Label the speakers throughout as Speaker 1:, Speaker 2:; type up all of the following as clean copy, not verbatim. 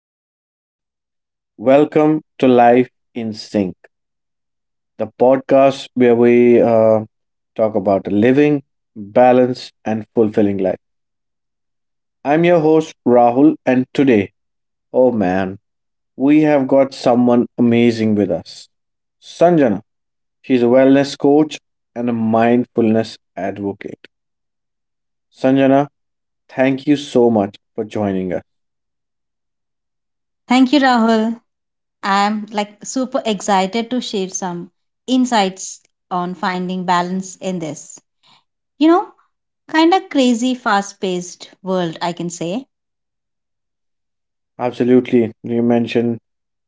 Speaker 1: everyone, welcome to Life in Sync, the podcast where we talk about a living, balanced, and fulfilling life. I'm your host Rahul, and today, oh man, we have got someone amazing with us Sanjana. She's a wellness coach and a mindfulness advocate. Sanjana, thank you so much for joining us.
Speaker 2: Thank you, Rahul. I'm like super excited to share some insights on finding balance in this, you know, kind of crazy, fast paced world, I can say.
Speaker 1: Absolutely, you mentioned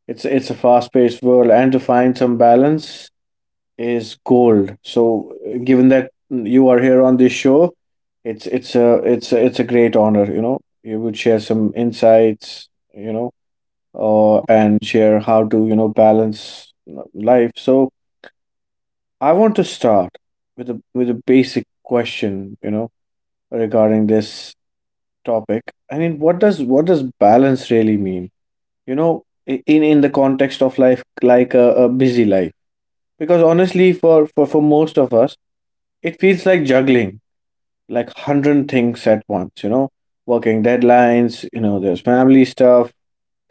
Speaker 1: it's a fast-paced world, and to find some balance is gold. So, given that you are here on this show, it's a great honor. You know, you would share some insights. You know, and share how to you know balance life. So, I want to start with a basic question. You know, regarding this topic. I mean, what does balance really mean? You know, in the context of life, like a busy life. Because honestly, for most of us, it feels like juggling like 100 things at once, you know, working deadlines, you know, there's family stuff,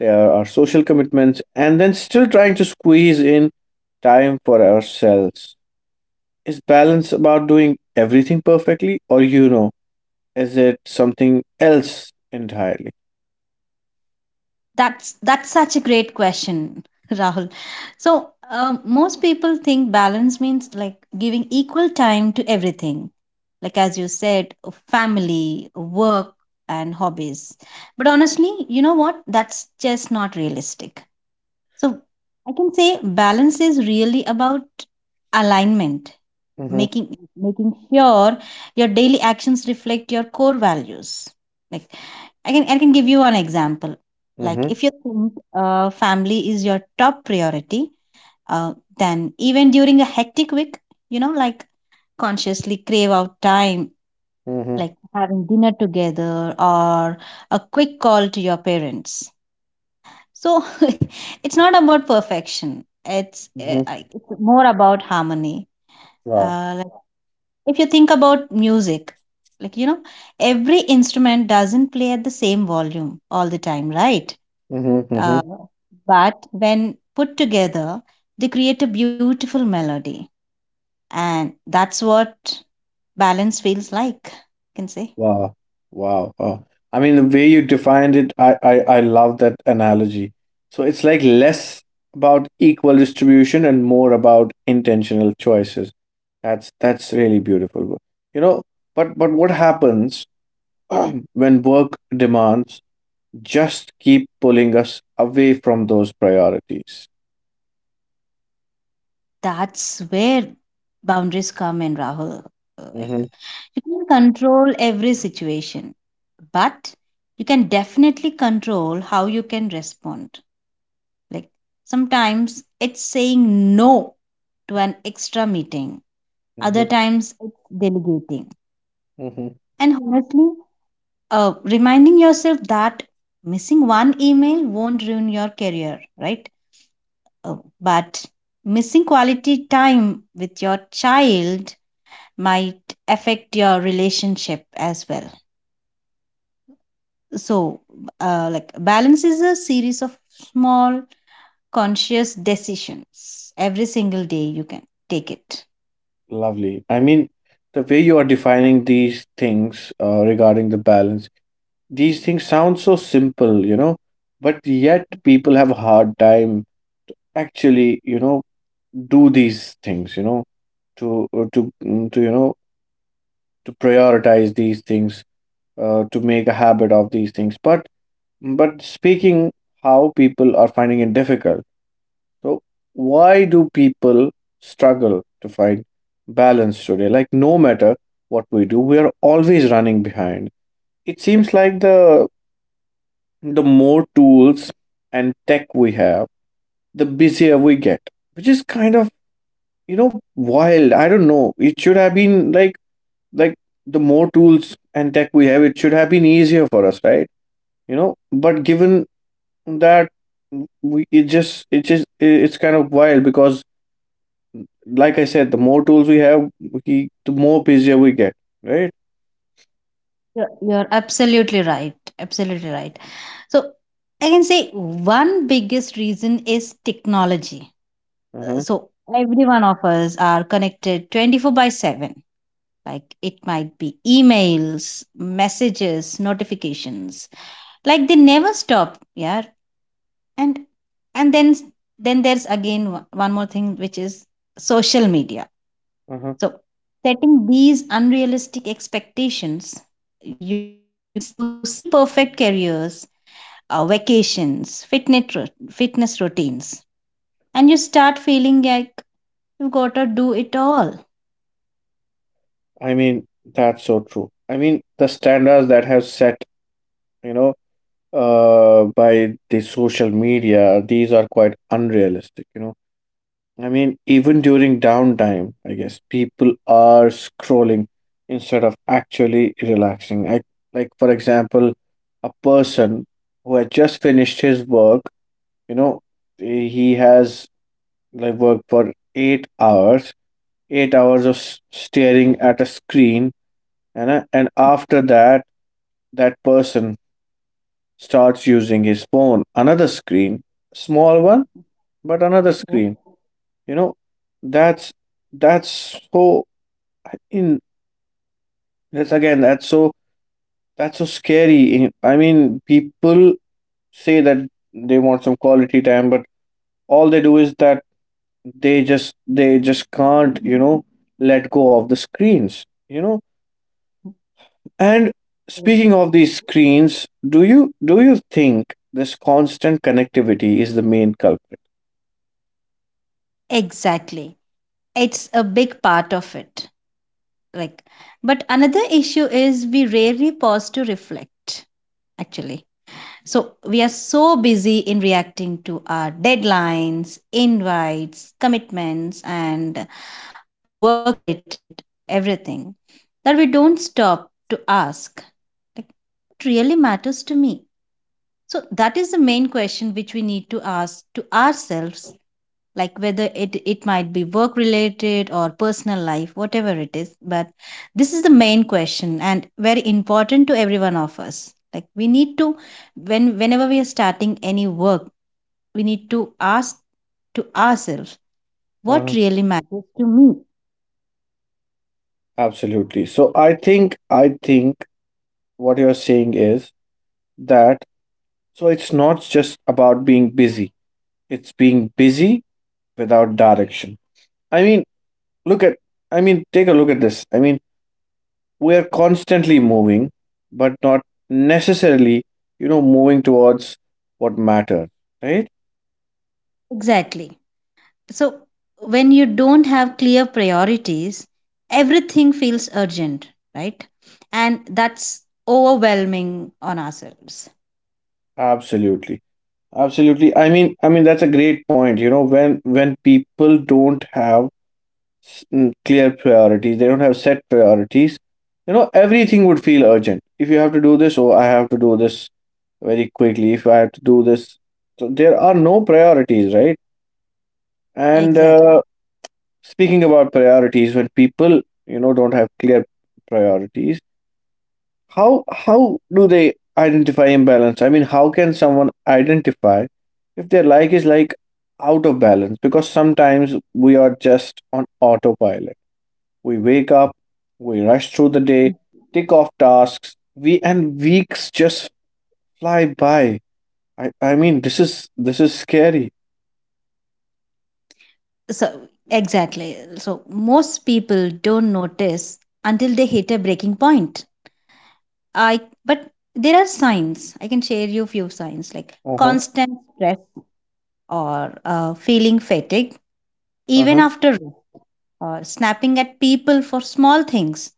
Speaker 1: there are social commitments, and then still trying to squeeze in time for ourselves. Is balance about doing everything perfectly, or you know, is it something else entirely?
Speaker 2: That's such a great question, Rahul. Most people think balance means like giving equal time to everything, like as you said, family, work, and hobbies. But honestly, you know what? That's just not realistic. So I can say balance is really about alignment,
Speaker 1: Mm-hmm,
Speaker 2: making making sure your daily actions reflect your core values. Like I can give you an example. Like
Speaker 1: mm-hmm,
Speaker 2: if you think family is your top priority, uh, then even during a hectic week, you know, like consciously crave out time,
Speaker 1: mm-hmm,
Speaker 2: like having dinner together or a quick call to your parents so it's not about perfection. It's
Speaker 1: mm-hmm.
Speaker 2: it's more about harmony.
Speaker 1: Wow.
Speaker 2: Like if you think about music, like you know, every instrument doesn't play at the same volume all the time, right?
Speaker 1: Mm-hmm.
Speaker 2: Uh, but when put together, they create a beautiful melody, and that's what balance feels like. You can say.
Speaker 1: Wow. Wow. I mean, the way you defined it, I love that analogy. So it's like less about equal distribution and more about intentional choices. That's really beautiful. You know, but what happens when work demands just keep pulling us away from those priorities?
Speaker 2: That's where boundaries come in, Rahul. Like
Speaker 1: Mm-hmm,
Speaker 2: you can control every situation, but you can definitely control how you can respond. Like sometimes it's saying no to an extra meeting.
Speaker 1: mm-hmm,
Speaker 2: Other times it's delegating.
Speaker 1: mm-hmm.
Speaker 2: And honestly, reminding yourself that missing one email won't ruin your career, right? But missing quality time with your child might affect your relationship as well, so like balance is a series of small conscious decisions every single day you can take it.
Speaker 1: Lovely. I mean, the way you are defining these things regarding the balance, these things sound so simple, you know, but yet people have a hard time actually, you know, do these things, you know, to mm, to you know to prioritize these things, to make a habit of these things. But speaking how people are finding it difficult. So why do people struggle to find balance today? Like no matter what we do, we are always running behind. It seems like the more tools and tech we have, the busier we get, which is kind of you know wild. I don't know. It should have been like the more tools and tech we have, it should have been easier for us, right? You know, but given that we it just it's kind of wild because like I said, the more tools we have, the more busier we get, right?
Speaker 2: You're absolutely right, absolutely right. So I can say one biggest reason is technology.
Speaker 1: Uh huh.
Speaker 2: So every one of us are connected 24 by 7. Like it might be emails, messages, notifications, like they never stop, yeah. And and then then there's again one more thing which is social media.
Speaker 1: Uh huh.
Speaker 2: So setting these unrealistic expectations, you you see perfect careers, vacations, fitness routines, and you start feeling like you gotta do it all.
Speaker 1: I mean that's so true. I mean the standards that have set you know by the social media, these are quite unrealistic, you know. I mean, even during downtime, I guess people are scrolling instead of actually relaxing. Like, for example, a person who had just finished his work, you know, he has like worked for 8 hours, eight hours of staring at a screen, and after that, that person starts using his phone, another screen, small one, but another
Speaker 2: Yes,
Speaker 1: screen. You know, that's that's so in that's again that's so scary. I mean, people say that they want some quality time, but all they do is that they just can't you know let go of the screens. You know, and
Speaker 2: correct,
Speaker 1: speaking of these screens, do you think this constant connectivity is the main culprit?
Speaker 2: exactly. It's a big part of it. Like, but another issue is we rarely pause to reflect actually. So we are so busy in reacting to our deadlines, invites, commitments, and our work related everything that we don't stop to ask, like, what really matters to me? So that is the main question which we need to ask to ourselves, like whether it might be work related or personal life, whatever it is, but this is the main question and very important to every one of us. Like we need to, whenever we are starting any work, we need to ask to ourselves, what
Speaker 1: Uh,
Speaker 2: really matters to me?
Speaker 1: Absolutely. So I think what you're saying is that it's not just about being busy. It's being busy without direction. I mean, look at I mean, take a look at this. I mean, we are constantly moving, but not necessarily, you know, moving towards what matters, right?
Speaker 2: Exactly. So when you don't have clear priorities, everything feels urgent, right? And that's overwhelming on ourselves.
Speaker 1: Absolutely. Absolutely. I mean, that's a great point, you know, when people don't have clear priorities. They don't have set priorities. You know, everything would feel urgent. If you have to do this, oh, I have to do this very quickly. If I have to do this, so there are no priorities, right? And
Speaker 2: Exactly.
Speaker 1: speaking about priorities, when people you know don't have clear priorities, how do they identify imbalance? I mean, how can someone identify if their like is like out of balance? Because sometimes we are just on autopilot. We wake up, we rush through the day, tick off tasks, we and weeks just fly by. I mean this is scary.
Speaker 2: So, exactly. So, most people don't notice until they hit a breaking point. I But there are signs. I can share you few signs, like
Speaker 1: Uh-huh.
Speaker 2: constant stress or feeling fatigue even
Speaker 1: Uh-huh.
Speaker 2: after rest, or snapping at people for small things.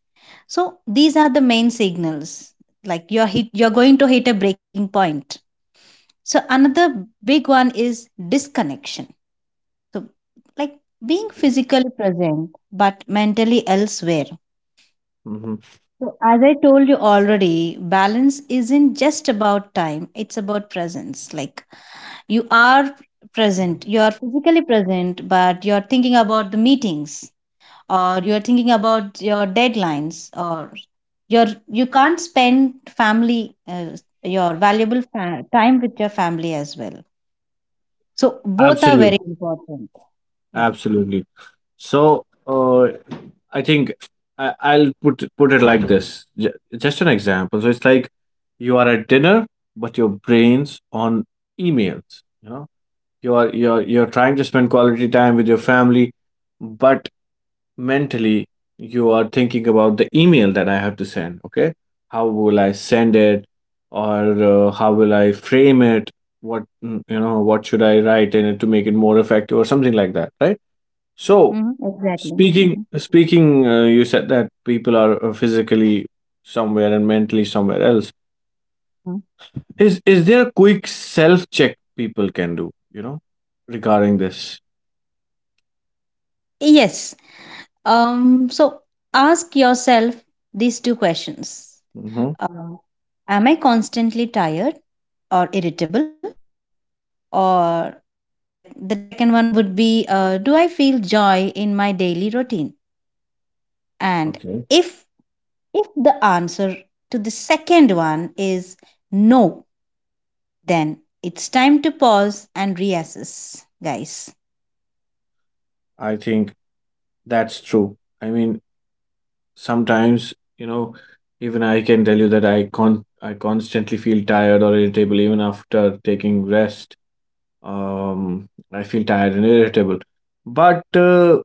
Speaker 2: So, these are the main signals, like you're going to hit a breaking point. So, another big one is disconnection. So, like being physically present but mentally elsewhere.
Speaker 1: Mm-hmm.
Speaker 2: So, as I told you already, balance isn't just about time, it's about presence. Like, you are present, you are physically present, but you're thinking about the meetings or you're thinking about your deadlines or you can't spend family, your valuable time with your family as well, so both are very
Speaker 1: Absolute,
Speaker 2: important, yeah.
Speaker 1: absolutely. So, I think I'll put it like this. Just an example. So it's like you are at dinner, but your brain's on emails. You know, you are you're trying to spend quality time with your family, but mentally you are thinking about the email that I have to send. Okay, how will I send it, or how will I frame it? What you know, what should I write in it to make it more effective, or something like that, right? So
Speaker 2: Mhm, exactly.
Speaker 1: speaking,
Speaker 2: Mhm.
Speaker 1: speaking, uh, you said that people are physically somewhere and mentally somewhere else. Is there a quick self check people can do? You know, regarding this.
Speaker 2: Yes. So ask yourself these two questions.
Speaker 1: Mm-hmm.
Speaker 2: Um, am I constantly tired or irritable? Or like the second one would be, do I feel joy in my daily routine? And
Speaker 1: Okay,
Speaker 2: if if the answer to the second one is no, then it's time to pause and reassess, guys.
Speaker 1: I think that's true. I mean, sometimes you know even I can tell you that I con I constantly feel tired or irritable even after taking rest. um I feel tired and irritable, but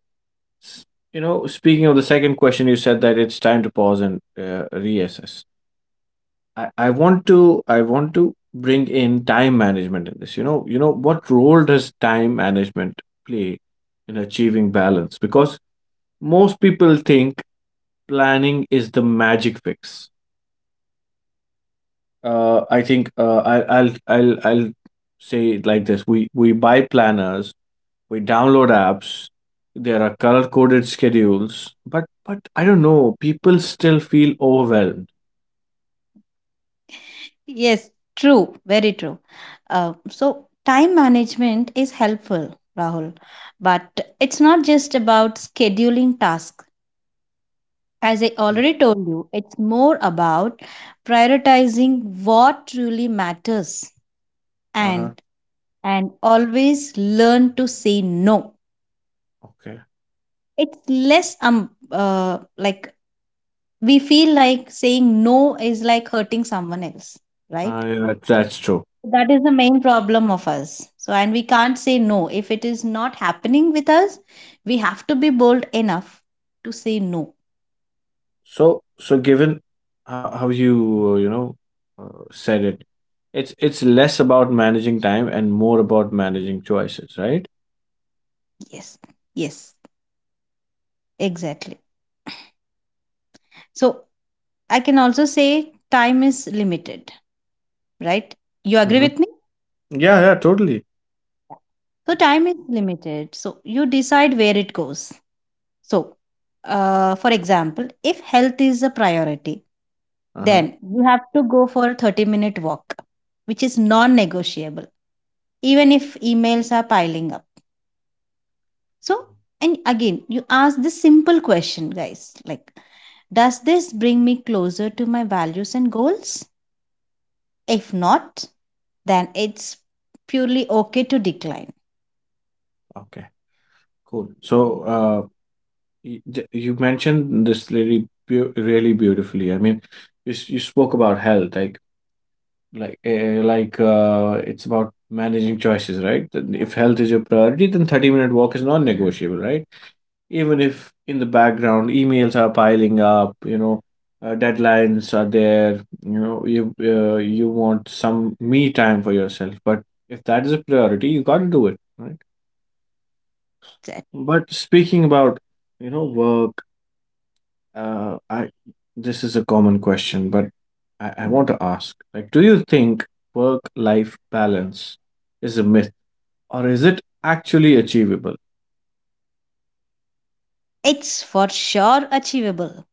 Speaker 1: s- you know speaking of the second question you said that it's time to pause and reassess. I want to bring in time management in this you know. You know what role does time management play in achieving balance, because most people think planning is the magic fix. I think I, I'll say it like this: we buy planners, we download apps. There are color coded schedules, but I don't know. People still feel overwhelmed.
Speaker 2: Yes, true, very true. So, time management is helpful, Rahul, but it's not just about scheduling tasks. As I already told you, it's more about prioritizing what truly matters
Speaker 1: Uh huh.
Speaker 2: and always learn to say no.
Speaker 1: Okay.
Speaker 2: It's less like we feel like saying no is like hurting someone else, right?
Speaker 1: Yeah, that's true.
Speaker 2: That is the main problem of us. So, and we can't say no. If it is not happening with us, we have to be bold enough to say no.
Speaker 1: So so given how you you know said it, it's less about managing time and more about managing choices, right?
Speaker 2: Yes, yes, exactly. So, I can also say time is limited, right? You agree with me?
Speaker 1: Mm-hmm. Yeah, totally.
Speaker 2: So, time is limited. So, you decide where it goes. So, for example, if health is a priority,
Speaker 1: Uh huh.
Speaker 2: then you have to go for a 30-minute walk, which is non negotiable even if emails are piling up. So, and again, you ask this simple question, guys, like, does this bring me closer to my values and goals? If not, then it's purely okay to decline.
Speaker 1: Okay, cool. So, you mentioned this really beautifully. I mean, you spoke about health, like it's about managing choices, right? Then if health is your priority, then 30-minute walk is non-negotiable, right? Even if in the background emails are piling up, you know, deadlines are there, you know, you want some me time for yourself, but if that is a priority, you got to do it, right? But speaking about, you know, work. I this is a common question, but I want to ask, like, do you think work-life balance is a myth, or is it actually achievable?
Speaker 2: It's for sure achievable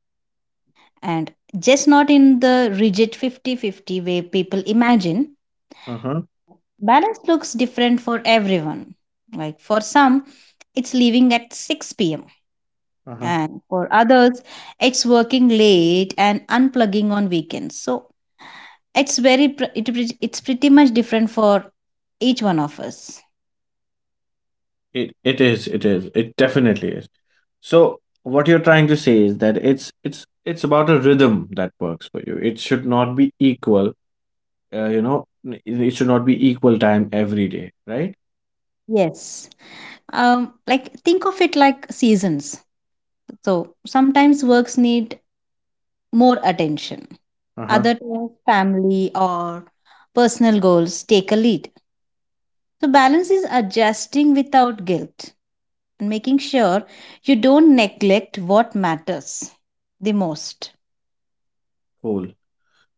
Speaker 2: and just not in the rigid 50-50 way people imagine.
Speaker 1: Uh-huh.
Speaker 2: Balance looks different for everyone. Like for some, it's leaving at 6 p.m.
Speaker 1: Uh-huh.
Speaker 2: and for others it's working late and unplugging on weekends, so it's very it's pretty much different for each one of us.
Speaker 1: It is. It definitely is. So what you're trying to say is that it's about a rhythm that works for you. It should not be equal, you know it should not be equal time every day, right?
Speaker 2: Yes. Like think of it like seasons. So sometimes works need more attention,
Speaker 1: Uh-huh.
Speaker 2: other times family or personal goals take a lead. So balance is adjusting without guilt and making sure you don't neglect what matters the most.
Speaker 1: Cool.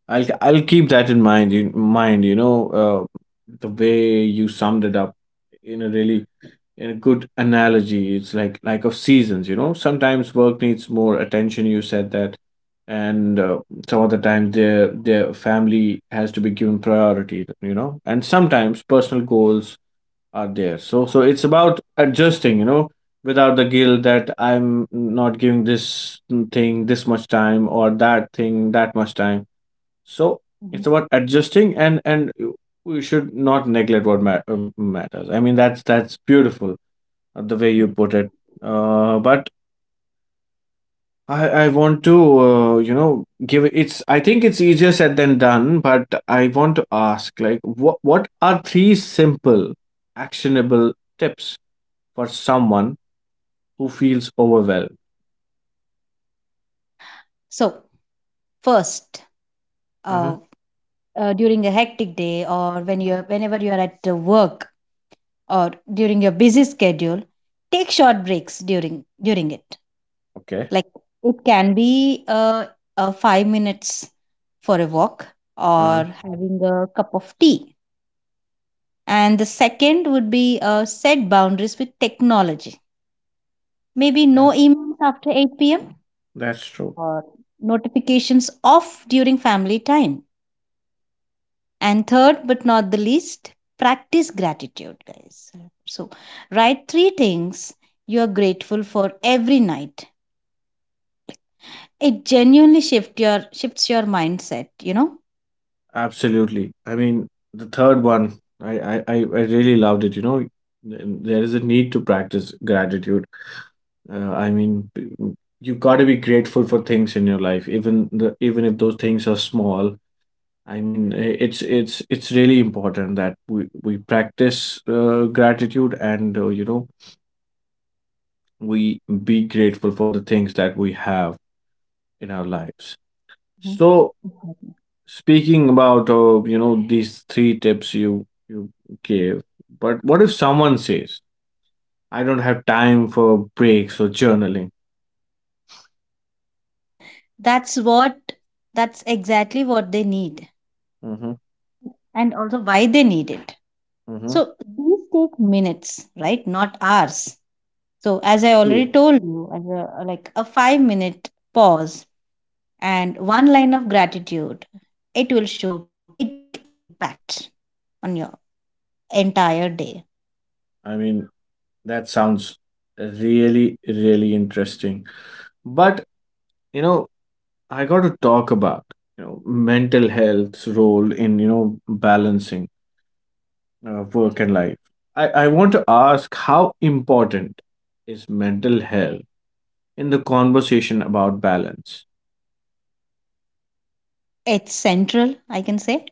Speaker 1: I'll keep that in mind, you know. uh, the way you summed it up in a really in a good analogy, it's like of seasons, you know. Sometimes work needs more attention, you said that, and some other times their family has to be given priority, you know, and sometimes personal goals are there. So so it's about adjusting, you know, without the guilt that I'm not giving this thing this much time or that thing that much time. So
Speaker 2: Mhm.
Speaker 1: it's about adjusting, and we should not neglect what matters. I mean that's beautiful, the way you put it. But I want to you know give it's I think it's easier said than done. But I want to ask, like, what are three simple actionable tips for someone who feels overwhelmed.
Speaker 2: So first,
Speaker 1: Uh-huh.
Speaker 2: uh, during a hectic day or whenever you are at work or during your busy schedule, take short breaks during it.
Speaker 1: Okay.
Speaker 2: Like it can be 5 minutes for a walk
Speaker 1: Uh-huh.
Speaker 2: or having a cup of tea. And the second would be, set boundaries with technology. Maybe no
Speaker 1: That,
Speaker 2: emails after 8 p.m.
Speaker 1: that's true.
Speaker 2: or notifications off during family time. And third, but not the least, practice gratitude, guys. So, write three things you are grateful for every night. It genuinely shifts your mindset, you know.
Speaker 1: Absolutely. I mean, the third one, I really loved it. You know, Th- there is a need to practice gratitude. I mean, you got to be grateful for things in your life, even the even if those things are small. I mean, it's really important that we practice gratitude, and you know we be grateful for the things that we have in our lives.
Speaker 2: Mhm.
Speaker 1: So
Speaker 2: Exactly.
Speaker 1: speaking about you know these three tips you gave, but what if someone says I don't have time for breaks or journaling?
Speaker 2: That's what that's exactly what they need
Speaker 1: Mm-hmm,
Speaker 2: and also why they need it.
Speaker 1: mm-hmm.
Speaker 2: So these take minutes, right? Not hours. So as I already
Speaker 1: True.
Speaker 2: told you, as a, like a 5-minute pause and one line of gratitude, it will show big impact on your entire day.
Speaker 1: I mean that sounds really interesting, but you know I got to talk about you know mental health's role in you know balancing work and life. I want to ask, how important is mental health in the conversation about balance?
Speaker 2: It's central, I can say.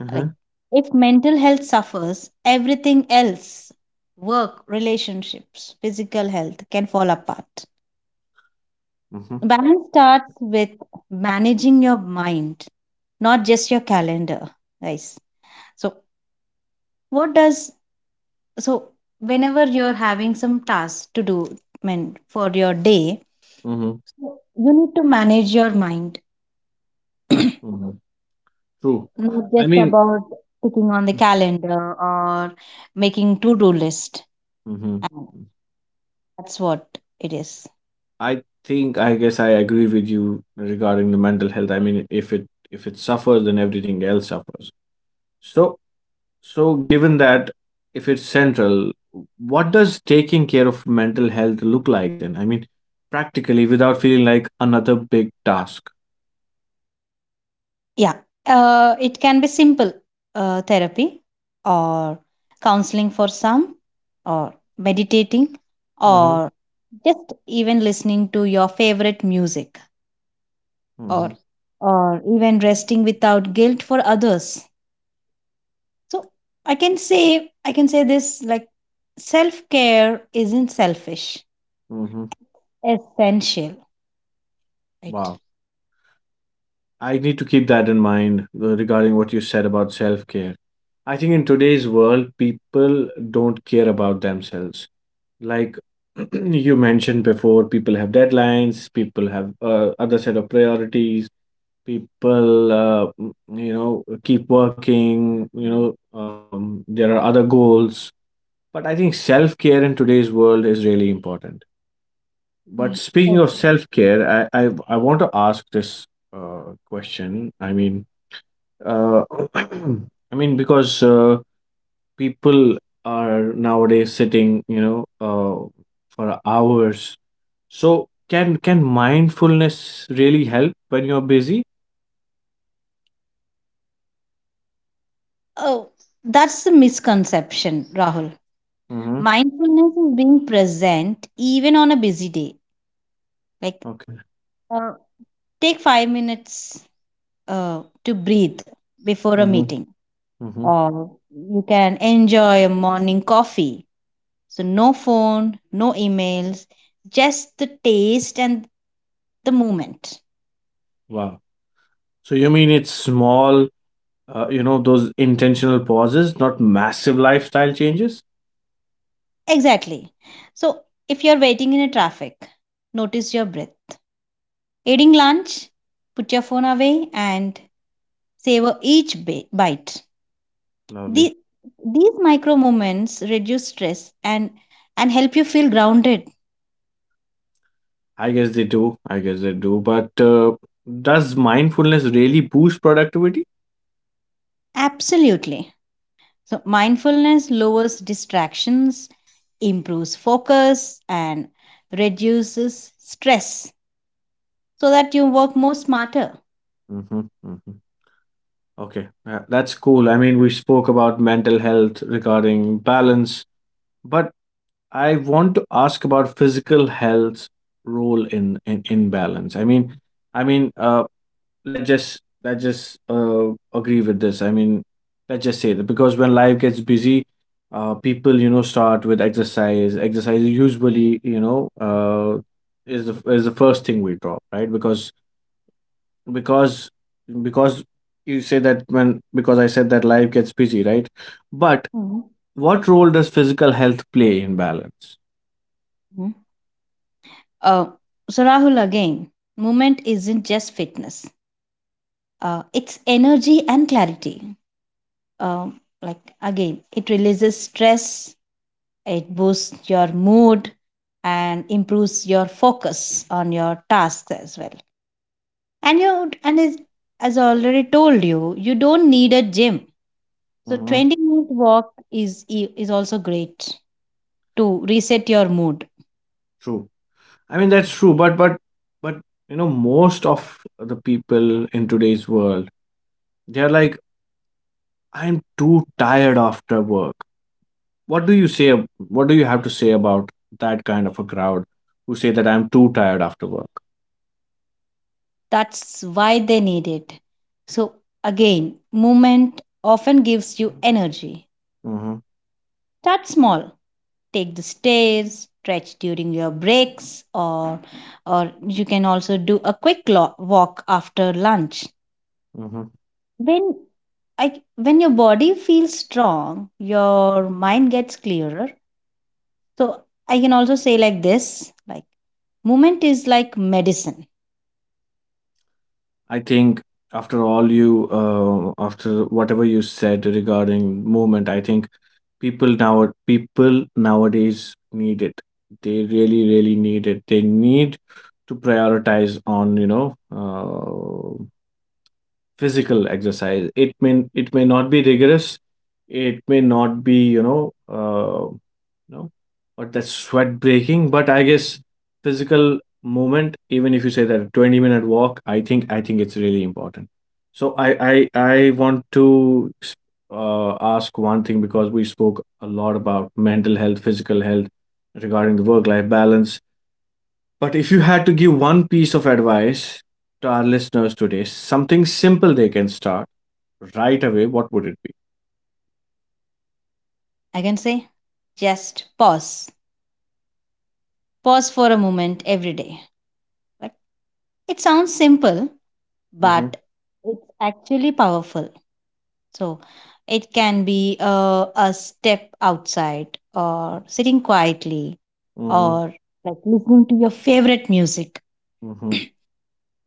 Speaker 1: Mm-hmm.
Speaker 2: Like if mental health suffers, everything else, work, relationships, physical health can fall apart.
Speaker 1: Mm-hmm.
Speaker 2: Balance starts with managing your mind, not just your calendar, guys. So what does so whenever you're having some tasks to do, I mean, for your day,
Speaker 1: Mm-hmm.
Speaker 2: you need to manage your mind,
Speaker 1: Mm-hmm. True.
Speaker 2: not
Speaker 1: I
Speaker 2: just
Speaker 1: mean,
Speaker 2: about sticking on the calendar or making to-do list.
Speaker 1: mm-hmm.
Speaker 2: And that's what it is.
Speaker 1: I guess I agree with you regarding the mental health. I mean, if it suffers, then everything else suffers. So so given that if it's central, what does taking care of mental health look like then? I mean, practically without feeling like another big task.
Speaker 2: Yeah. It can be simple, therapy or
Speaker 1: Mm-hmm.
Speaker 2: counseling for some, or meditating,
Speaker 1: Mm-hmm.
Speaker 2: or just even listening to your favorite music, or
Speaker 1: Mm-hmm.
Speaker 2: or even resting without guilt for others. So I can say this, like self-care isn't selfish.
Speaker 1: Mm-hmm.
Speaker 2: Essential, right?
Speaker 1: Wow. I need to keep that in mind regarding what you said about self care. I think in today's world, people don't care about themselves. Like you mentioned before, people have deadlines, people have other set of priorities, people, you know, keep working, there are other goals. But I think self care in today's world is really important. But
Speaker 2: Mm,
Speaker 1: speaking of
Speaker 2: okay.
Speaker 1: self care, I want to ask this question. I mean, uh, I mean, because people are nowadays sitting, for hours. So can mindfulness really help when you're busy?
Speaker 2: Oh, that's a misconception, Rahul.
Speaker 1: Mm-hmm.
Speaker 2: Mindfulness is being present even on a busy day. Like
Speaker 1: Okay.
Speaker 2: uh, take 5 minutes to breathe before a
Speaker 1: Mm-hmm.
Speaker 2: meeting
Speaker 1: Mm-hmm.
Speaker 2: or you can enjoy a morning coffee. So no phone, no emails, just the taste and the moment.
Speaker 1: Wow. So you mean it's small, those intentional pauses, not massive lifestyle changes?
Speaker 2: Exactly. So, if you're waiting in a traffic, notice your breath. Eating lunch, put your phone away and savor each bite.
Speaker 1: Lovely.
Speaker 2: The, these micro moments reduce stress and help you feel grounded.
Speaker 1: I guess they do. I guess they do. But does mindfulness really boost productivity?
Speaker 2: Absolutely. So, mindfulness lowers distractions, improves focus and reduces stress so that you work more smarter.
Speaker 1: Mm-hmm. Mm-hmm. Okay, that's cool. I mean, we spoke about mental health regarding balance, but I want to ask about physical health's role in balance. I mean, let's just agree with this. I mean, let's just say that because when life gets busy, people you know start with exercise. Exercise usually you know is the first thing we drop, right? Because because you say that when because I said that life gets busy, right? But
Speaker 2: Mhm.
Speaker 1: what role does physical health play in balance?
Speaker 2: Uh, so, Rahul, again, movement isn't just fitness, it's energy and clarity. Uh, like, again, it releases stress, it boosts your mood, and improves your focus on your tasks as well. And you, and As I already told you, you don't need a gym. So,
Speaker 1: Hmm.
Speaker 2: 20-minute walk is also great to reset your mood.
Speaker 1: True. I mean that's true, but you know most of the people in today's world they're like I'm too tired after work. What do you say? What do you have to say about that kind of a crowd who say that I'm too tired after work?
Speaker 2: That's why they need it. So, again, movement often gives you energy.
Speaker 1: Hmm.
Speaker 2: Start small. Take the stairs, stretch during your breaks, or you can also do a quick walk after lunch.
Speaker 1: Hmm.
Speaker 2: When, when your body feels strong, your mind gets clearer. So, I can also say like this, like movement is like medicine.
Speaker 1: I think after all you, after whatever you said regarding movement, I think people nowadays need it. They really, really need it. They need to prioritize on you know uh, physical exercise. It may not be rigorous. It may not be you know. Uh, No? Or that sweat breaking. But I guess physical movement, even if you say that 20-minute walk, I think it's really important. So I want to ask one thing because we spoke a lot about mental health, physical health, regarding the work life balance. But if you had to give one piece of advice to our listeners today, something simple they can start right away, what would it be?
Speaker 2: I can say just pause. Pause for a moment every day. Like it sounds simple, but
Speaker 1: Mm-hmm.
Speaker 2: it's actually powerful. So it can be a step outside, or sitting quietly,
Speaker 1: Mm-hmm.
Speaker 2: or like listening to your favorite music.
Speaker 1: Mm-hmm.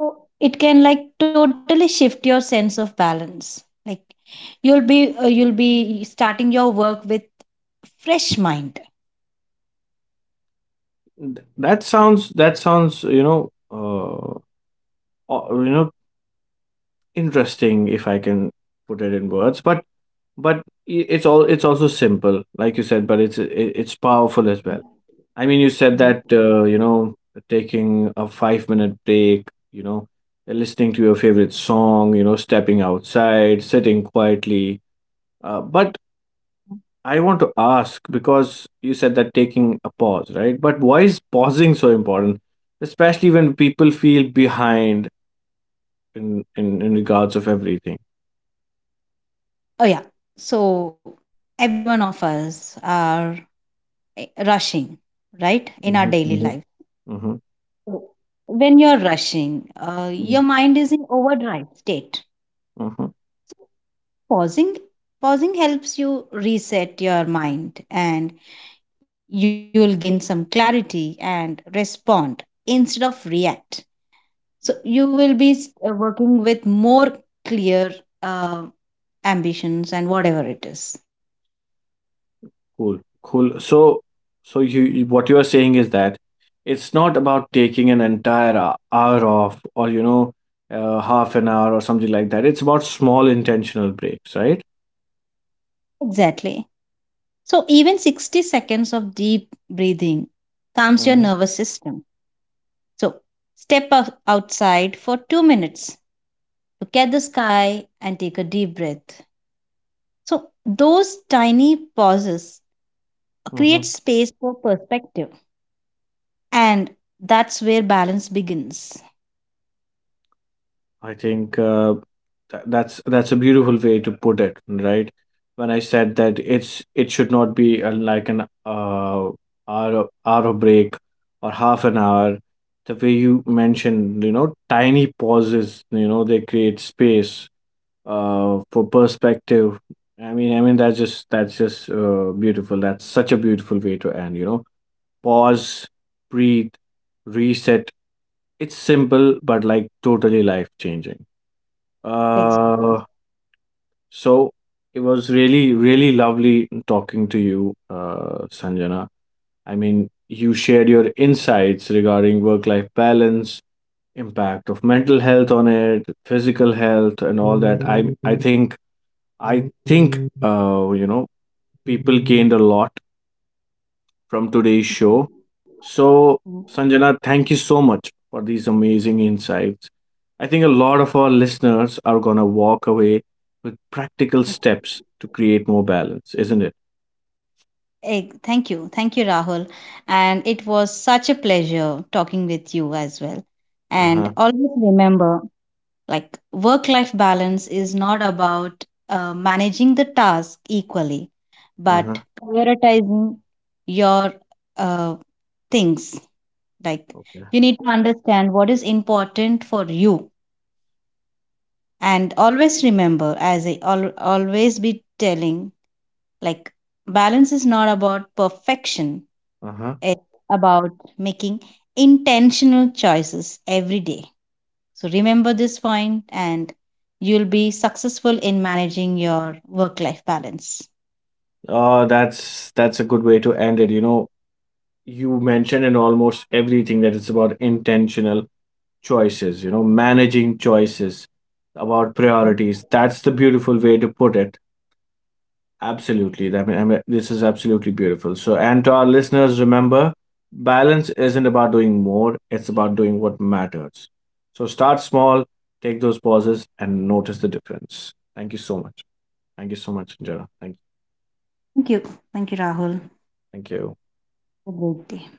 Speaker 2: So it can like totally shift your sense of balance. Like you'll be starting your work with fresh mind.
Speaker 1: That sounds uh, you know interesting if I can put it in words, but it's also simple, like you said, but it's powerful as well.
Speaker 2: Mhm.
Speaker 1: I mean, you said
Speaker 2: Mhm.
Speaker 1: that taking a 5 minute break, you know, listening to your favorite song, you know, stepping outside, sitting quietly. But I want to ask because you said that taking a pause, right? But why is pausing so important, especially when people feel behind in regards of everything?
Speaker 2: Oh yeah. So every one of us are rushing, right, in our
Speaker 1: Mm-hmm,
Speaker 2: daily
Speaker 1: mm-hmm,
Speaker 2: life.
Speaker 1: mm-hmm,
Speaker 2: When you're rushing, your mind is in overdrive state.
Speaker 1: mm-hmm.
Speaker 2: So pausing pausing helps you reset your mind and you'll gain some clarity and respond instead of react. So you will be, working with more clear, uh, ambitions and whatever it is.
Speaker 1: Cool, cool. So, so what you are saying is that it's not about taking an entire hour off or you know half an hour or something like that. It's about small intentional breaks, right?
Speaker 2: Exactly. So even 60 seconds of deep breathing calms your
Speaker 1: Mm-hmm.
Speaker 2: nervous system. So outside for 2 minutes, look at the sky, and take a deep breath. So, those tiny pauses create space for perspective, and that's where balance begins.
Speaker 1: I think that's a beautiful way to put it, right? When I said that it's it should not be like an hour break or half an hour. The way you mentioned, you know, tiny pauses, you know, they create space for perspective. I mean, that's just beautiful. That's such a beautiful way to end. You know, pause, breathe, reset. It's simple, but like totally life changing.
Speaker 2: Exactly.
Speaker 1: Uh, so it was really, really lovely talking to you, Sanjana. I mean, you shared your insights regarding work-life balance, impact of mental health on it, physical health, and all that. I think you know people gained a lot from today's show.
Speaker 2: Mhm.
Speaker 1: So,
Speaker 2: Mm.
Speaker 1: Sanjana, thank you so much for these amazing insights. I think a lot of our listeners are going to walk away with practical steps to create more balance, isn't it?
Speaker 2: Thank you. Thank you, Rahul. And it was such a pleasure talking with you as well. And
Speaker 1: Uh-huh.
Speaker 2: always remember, like, work life balance is not about managing the task equally,
Speaker 1: Uh-huh.
Speaker 2: but prioritizing your uh, things. Like
Speaker 1: Okay.
Speaker 2: you need to understand what is important for you. And always remember, as I always be telling, like balance is not about perfection,
Speaker 1: Uh-huh.
Speaker 2: it's about making intentional choices every day. So remember this point, and you'll be successful in managing your work life balance.
Speaker 1: That's a good way to end it. You know, you mentioned in almost everything that it's about intentional choices, you know, managing choices, about priorities. That's the beautiful way to put it. Absolutely. I mean, this is absolutely beautiful. So, and to our listeners, remember, balance isn't about doing more, it's about doing what matters. So, start small, take those pauses, and notice the difference. Thank you so much. Thank you so much, Jara. Thank,
Speaker 2: Thank you. Thank you, Rahul.
Speaker 1: thank you.
Speaker 2: Have a great day.